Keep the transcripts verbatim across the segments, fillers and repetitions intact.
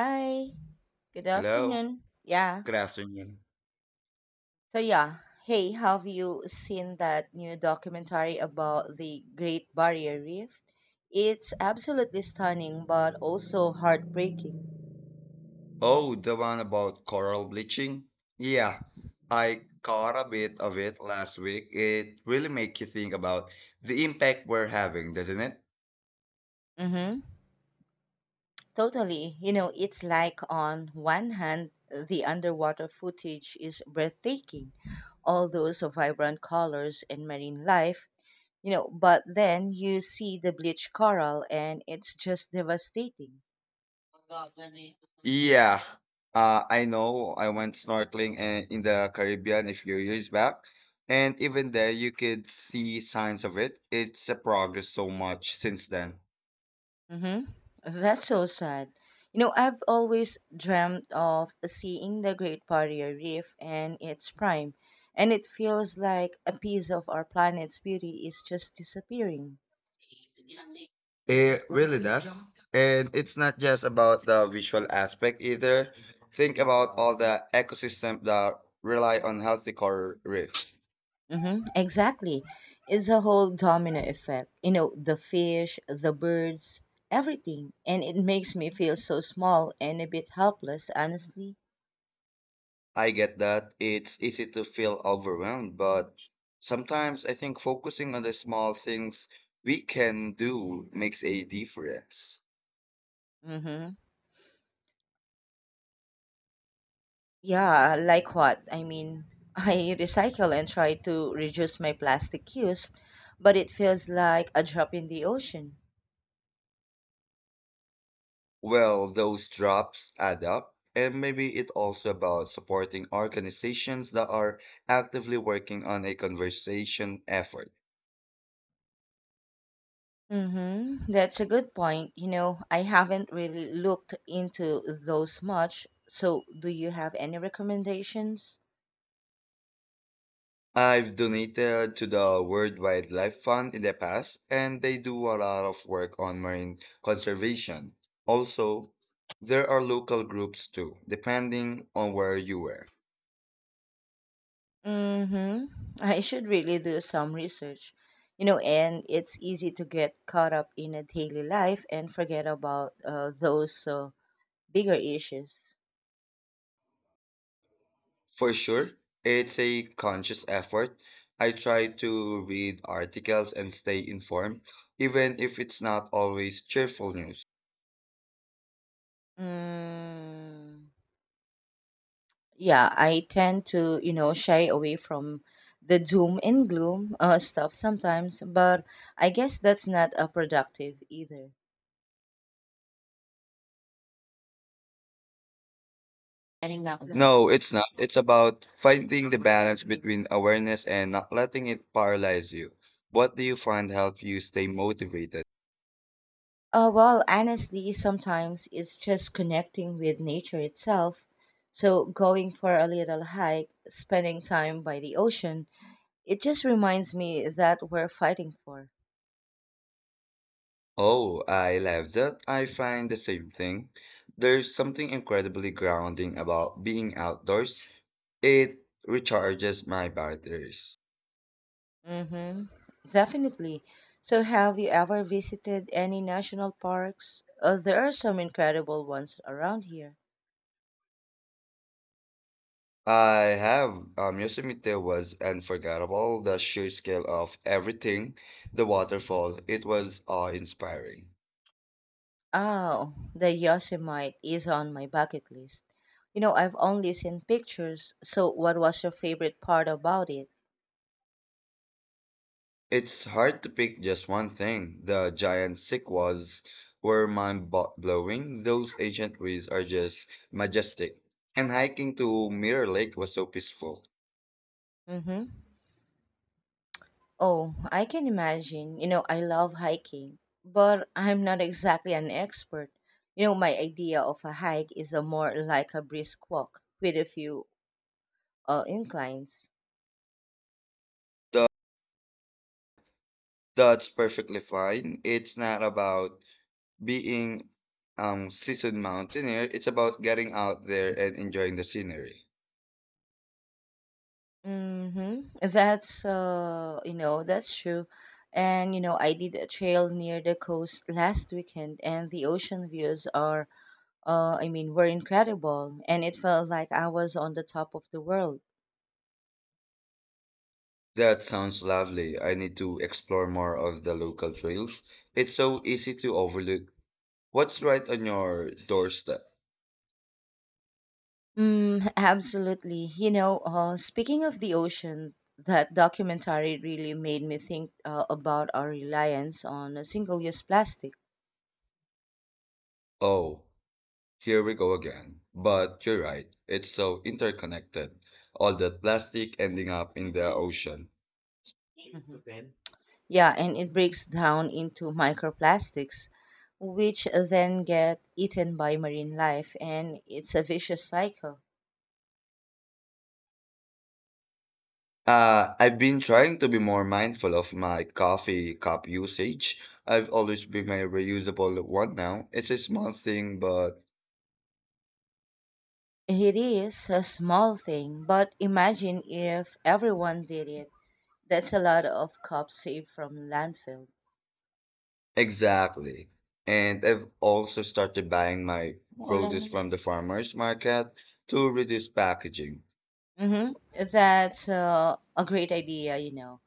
Hi, good Hello, afternoon. Yeah. good afternoon. So yeah, hey, have you seen that new documentary about the Great Barrier Reef? It's absolutely stunning but also heartbreaking. Oh, the one about coral bleaching? Yeah, I caught a bit of it last week. It really makes you think about the impact we're having, doesn't it? Mhm. Totally. You know, it's like on one hand, the underwater footage is breathtaking, all those vibrant colors and marine life, you know, but then you see the bleached coral and it's just devastating. Yeah, uh, I know I went snorkeling uh, in the Caribbean a few years back, and even there you could see signs of it. It's a progress so much since then. Mm-hmm. That's so sad. You know, I've always dreamt of seeing the Great Barrier Reef in its prime, and it feels like a piece of our planet's beauty is just disappearing. It really does. And it's not just about the visual aspect either. Think about all the ecosystem that rely on healthy coral reefs. Mm-hmm. Exactly. It's a whole domino effect. You know, the fish, the birds, everything. And it makes me feel so small and a bit helpless, honestly. I get that it's easy to feel overwhelmed, but sometimes I think focusing on the small things we can do makes a difference. Mm-hmm. Yeah, like what? I mean, I recycle and try to reduce my plastic use, but it feels like a drop in the ocean. Well, those drops add up. And maybe it's also about supporting organizations that are actively working on a conservation effort. Mm-hmm. That's a good point. You know, I haven't really looked into those much. So, do you have any recommendations? I've donated to the World Wildlife Fund in the past, and they do a lot of work on marine conservation. Also, there are local groups too, depending on where you were. Mm-hmm. I should really do some research. You know, and it's easy to get caught up in a daily life and forget about uh, those uh, bigger issues. For sure, it's a conscious effort. I try to read articles and stay informed, even if it's not always cheerful news. Mm. Yeah, I tend to, you know, shy away from the doom and gloom uh, stuff sometimes, but I guess that's not uh, productive either. No. No, it's not. It's about finding the balance between awareness and not letting it paralyze you. What do you find help you stay motivated? Uh, well, honestly, sometimes it's just connecting with nature itself. So, going for a little hike, spending time by the ocean, it just reminds me that we're fighting for. Oh, I love that. I find the same thing. There's something incredibly grounding about being outdoors. It recharges my batteries. Mm-hmm. Definitely. So, have you ever visited any national parks? Uh, there are some incredible ones around here. I have um, Yosemite was unforgettable. The sheer scale of everything, the waterfall, it was awe-inspiring. Oh, the Yosemite is on my bucket list. You know, I've only seen pictures, so what was your favorite part about it? It's hard to pick just one thing. The giant sequoias were mind-blowing. Those ancient trees are just majestic. And hiking to Mirror Lake was so peaceful. Mm-hmm. Oh, I can imagine. You know, I love hiking, but I'm not exactly an expert. You know, my idea of a hike is a more like a brisk walk with a few uh, inclines. Tha- That's perfectly fine. It's not about being um seasoned mountaineer. It's about getting out there and enjoying the scenery. Mm-hmm. That's uh, you know, that's true. And you know, I did a trail near the coast last weekend, and the ocean views are, uh, I mean, were incredible, and it felt like I was on the top of the world. That sounds lovely. I need to explore more of the local trails. It's so easy to overlook. What's right on your doorstep? Mm, absolutely. You know, uh, speaking of the ocean, that documentary really made me think uh, about our reliance on a single-use plastic. Oh. Here we go again. But you're right, it's so interconnected. All that plastic ending up in the ocean. Mm-hmm. Yeah, and it breaks down into microplastics, which then get eaten by marine life, and it's a vicious cycle. Uh, I've been trying to be more mindful of my coffee cup usage. I've always been my reusable one now. It's a small thing, but It is a small thing, but imagine if everyone did it. That's a lot of cups saved from landfill. exactly. And I've also started buying my produce from the farmers market to reduce packaging. Mm-hmm. That's uh, a great idea, you know.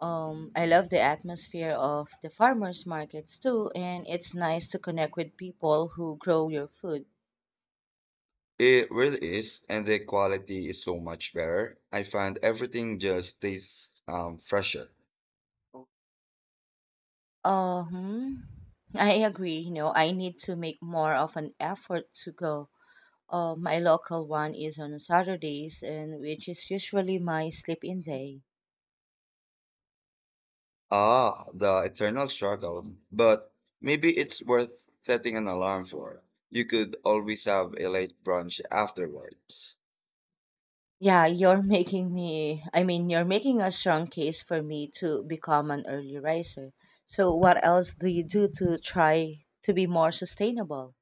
Um, I love the atmosphere of the farmers markets too, and it's nice to connect with people who grow your food. It really is, and the quality is so much better. I find everything just tastes um, fresher. Um, I agree. You know, I need to make more of an effort to go. Uh, my local one is on Saturdays, and which is usually my sleep-in day. Ah, the eternal struggle. But maybe it's worth setting an alarm for. You could always have a late brunch afterwards. Yeah, you're making me. I mean, you're making a strong case for me to become an early riser. So, what else do you do to try to be more sustainable?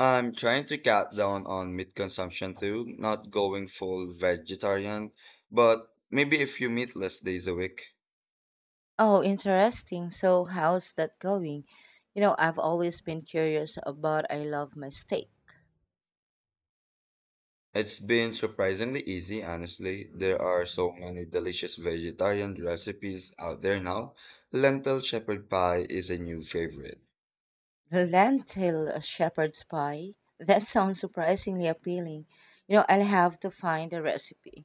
I'm trying to cut down on meat consumption too, not going full vegetarian, but maybe a few meatless days a week. Oh, interesting. So, how's that going? You know, I've always been curious about I love my steak. It's been surprisingly easy, honestly. There are so many delicious vegetarian recipes out there now. Lentil shepherd pie is a new favorite. Lentil shepherd's pie. That sounds surprisingly appealing. You know, I'll have to find a recipe.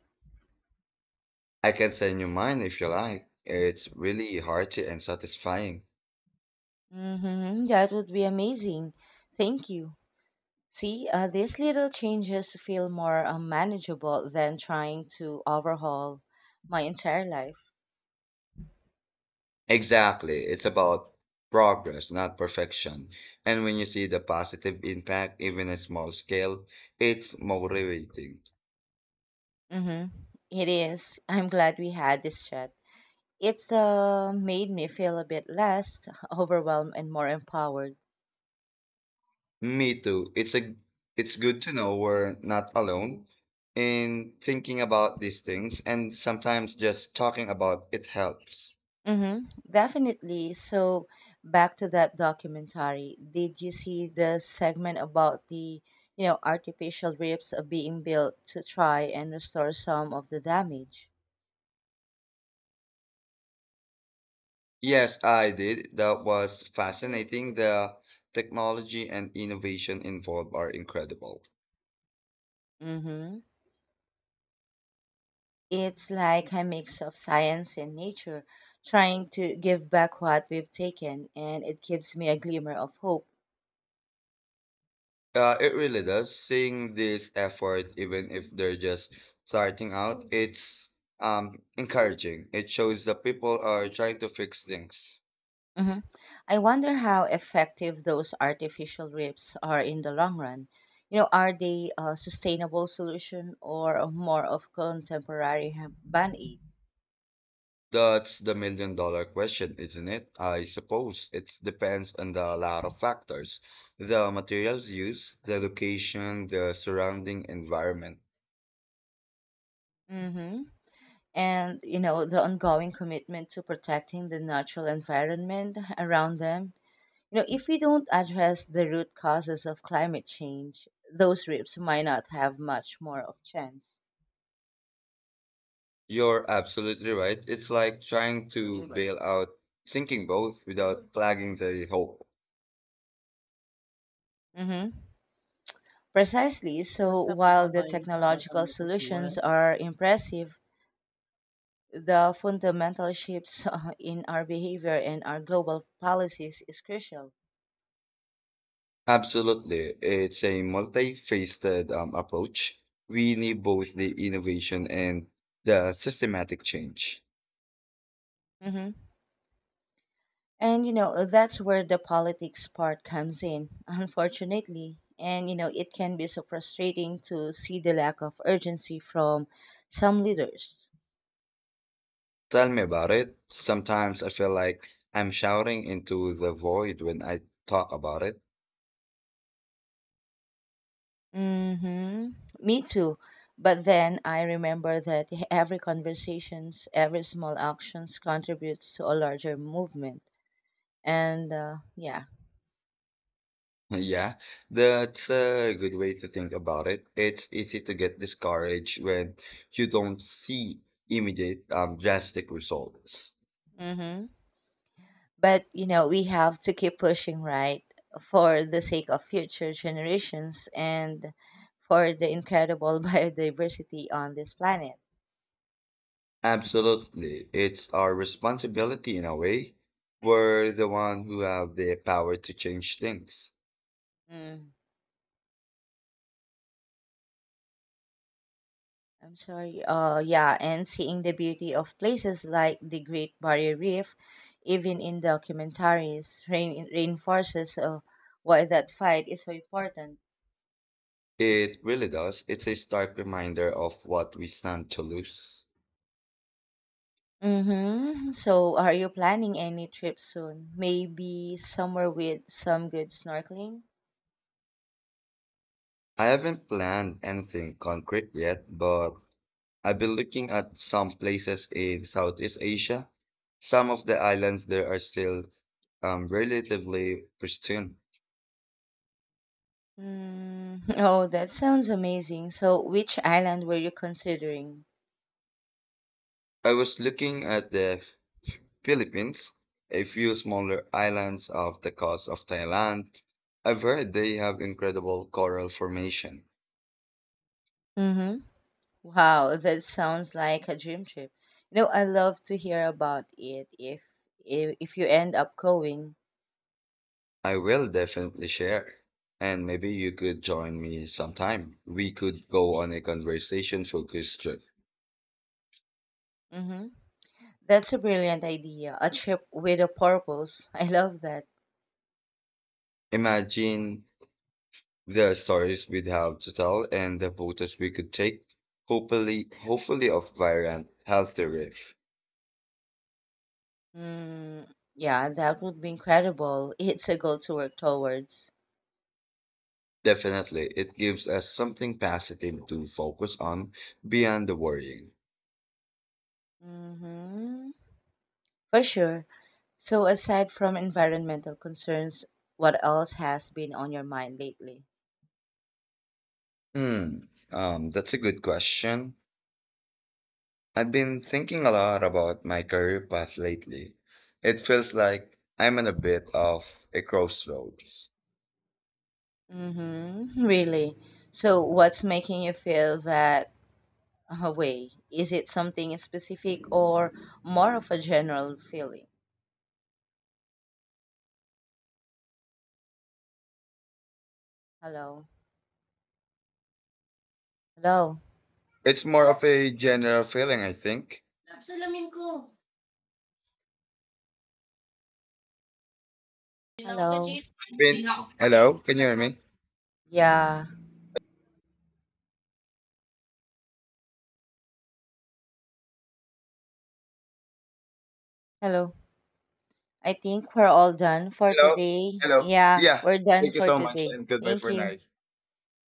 I can send you mine if you like. It's really hearty and satisfying. Mm-hmm, that would be amazing. Thank you. See, uh, these little changes feel more uh, manageable than trying to overhaul my entire life. Exactly. It's about progress, not perfection. And when you see the positive impact, even at small scale, it's motivating. Mm-hmm. It is. I'm glad we had this chat. It's uh, made me feel a bit less overwhelmed and more empowered. Me too. It's a it's good to know we're not alone in thinking about these things and sometimes just talking about it helps. Mm-hmm, definitely. So, back to that documentary. Did you see the segment about the, you know, artificial ribs are being built to try and restore some of the damage? Yes, I did. That was fascinating. The technology and innovation involved are incredible. Mm-hmm. It's like a mix of science and nature, trying to give back what we've taken, and it gives me a glimmer of hope. Uh, it really does. Seeing this effort, even if they're just starting out, it's um encouraging. It shows that people are trying to fix things. Hmm. I wonder how effective those artificial reefs are in the long run. You know, are they a sustainable solution or a more of contemporary ha- ban aid? That's the million dollar question, isn't it? I suppose it depends on a lot of factors, the materials used, the location, the surrounding environment. Hmm. And you know, the ongoing commitment to protecting the natural environment around them. You know, if we don't address the root causes of climate change, those reefs might not have much more of chance. You're absolutely right. It's like trying to bail out sinking boat without plugging the hole. Hmm. Precisely. So while the technological solutions are impressive, the fundamental shifts uh, in our behavior and our global policies is crucial. Absolutely. It's a multifaceted um, approach. We need both the innovation and the systematic change. Hmm. And you know, that's where the politics part comes in, unfortunately. And you know, it can be so frustrating to see the lack of urgency from some leaders. Tell me about it. Sometimes I feel like I'm shouting into the void when I talk about it. Mm-hmm. Me too. But then I remember that every conversations, every small actions contributes to a larger movement. And uh, yeah. Yeah, that's a good way to think about it. It's easy to get discouraged when you don't see immediate, um, drastic results. Mm-hmm. But, you know, we have to keep pushing, right? For the sake of future generations and for the incredible biodiversity on this planet. Absolutely. It's our responsibility in a way. We're the one who have the power to change things. Mm, I'm sorry. Uh, yeah, and seeing the beauty of places like the Great Barrier Reef, even in documentaries, rein- reinforces uh, why that fight is so important. It really does. It's a stark reminder of what we stand to lose. Mm-hmm. So, are you planning any trip soon? Maybe somewhere with some good snorkeling? I haven't planned anything concrete yet, but I've been looking at some places in Southeast Asia. Some of the islands there are still um, relatively pristine. Mm, oh, that sounds amazing. So, which island were you considering? I was looking at the Philippines, a few smaller islands off the coast of Thailand. I've heard they have incredible coral formation. Mm-hmm. Wow, that sounds like a dream trip. You know, I love to hear about it if if, if you end up going. I will definitely share. And maybe you could join me sometime. We could go on a conversation focused trip. Mm-hmm. That's a brilliant idea. A trip with a purpose. I love that. Imagine the stories we'd have to tell and the photos we could take, hopefully, hopefully of vibrant, healthy reef. Mm, yeah, that would be incredible. It's a goal to work towards. Definitely, it gives us something positive to focus on beyond the worrying. Mm-hmm. For sure. So, aside from environmental concerns, what else has been on your mind lately? Hmm, um, that's a good question. I've been thinking a lot about my career path lately. It feels like I'm in a bit of a crossroads. Mm-hmm. Really? So, what's making you feel that uh, way? Is it something specific or more of a general feeling? Hello? Hello? It's more of a general feeling, I think. Hello? Been, hello, can you hear me? Yeah. Hello? I think we're all done for Hello. today. Hello. Yeah, Yeah. we're done Thank you for so much today. and goodbye Thank for you. now.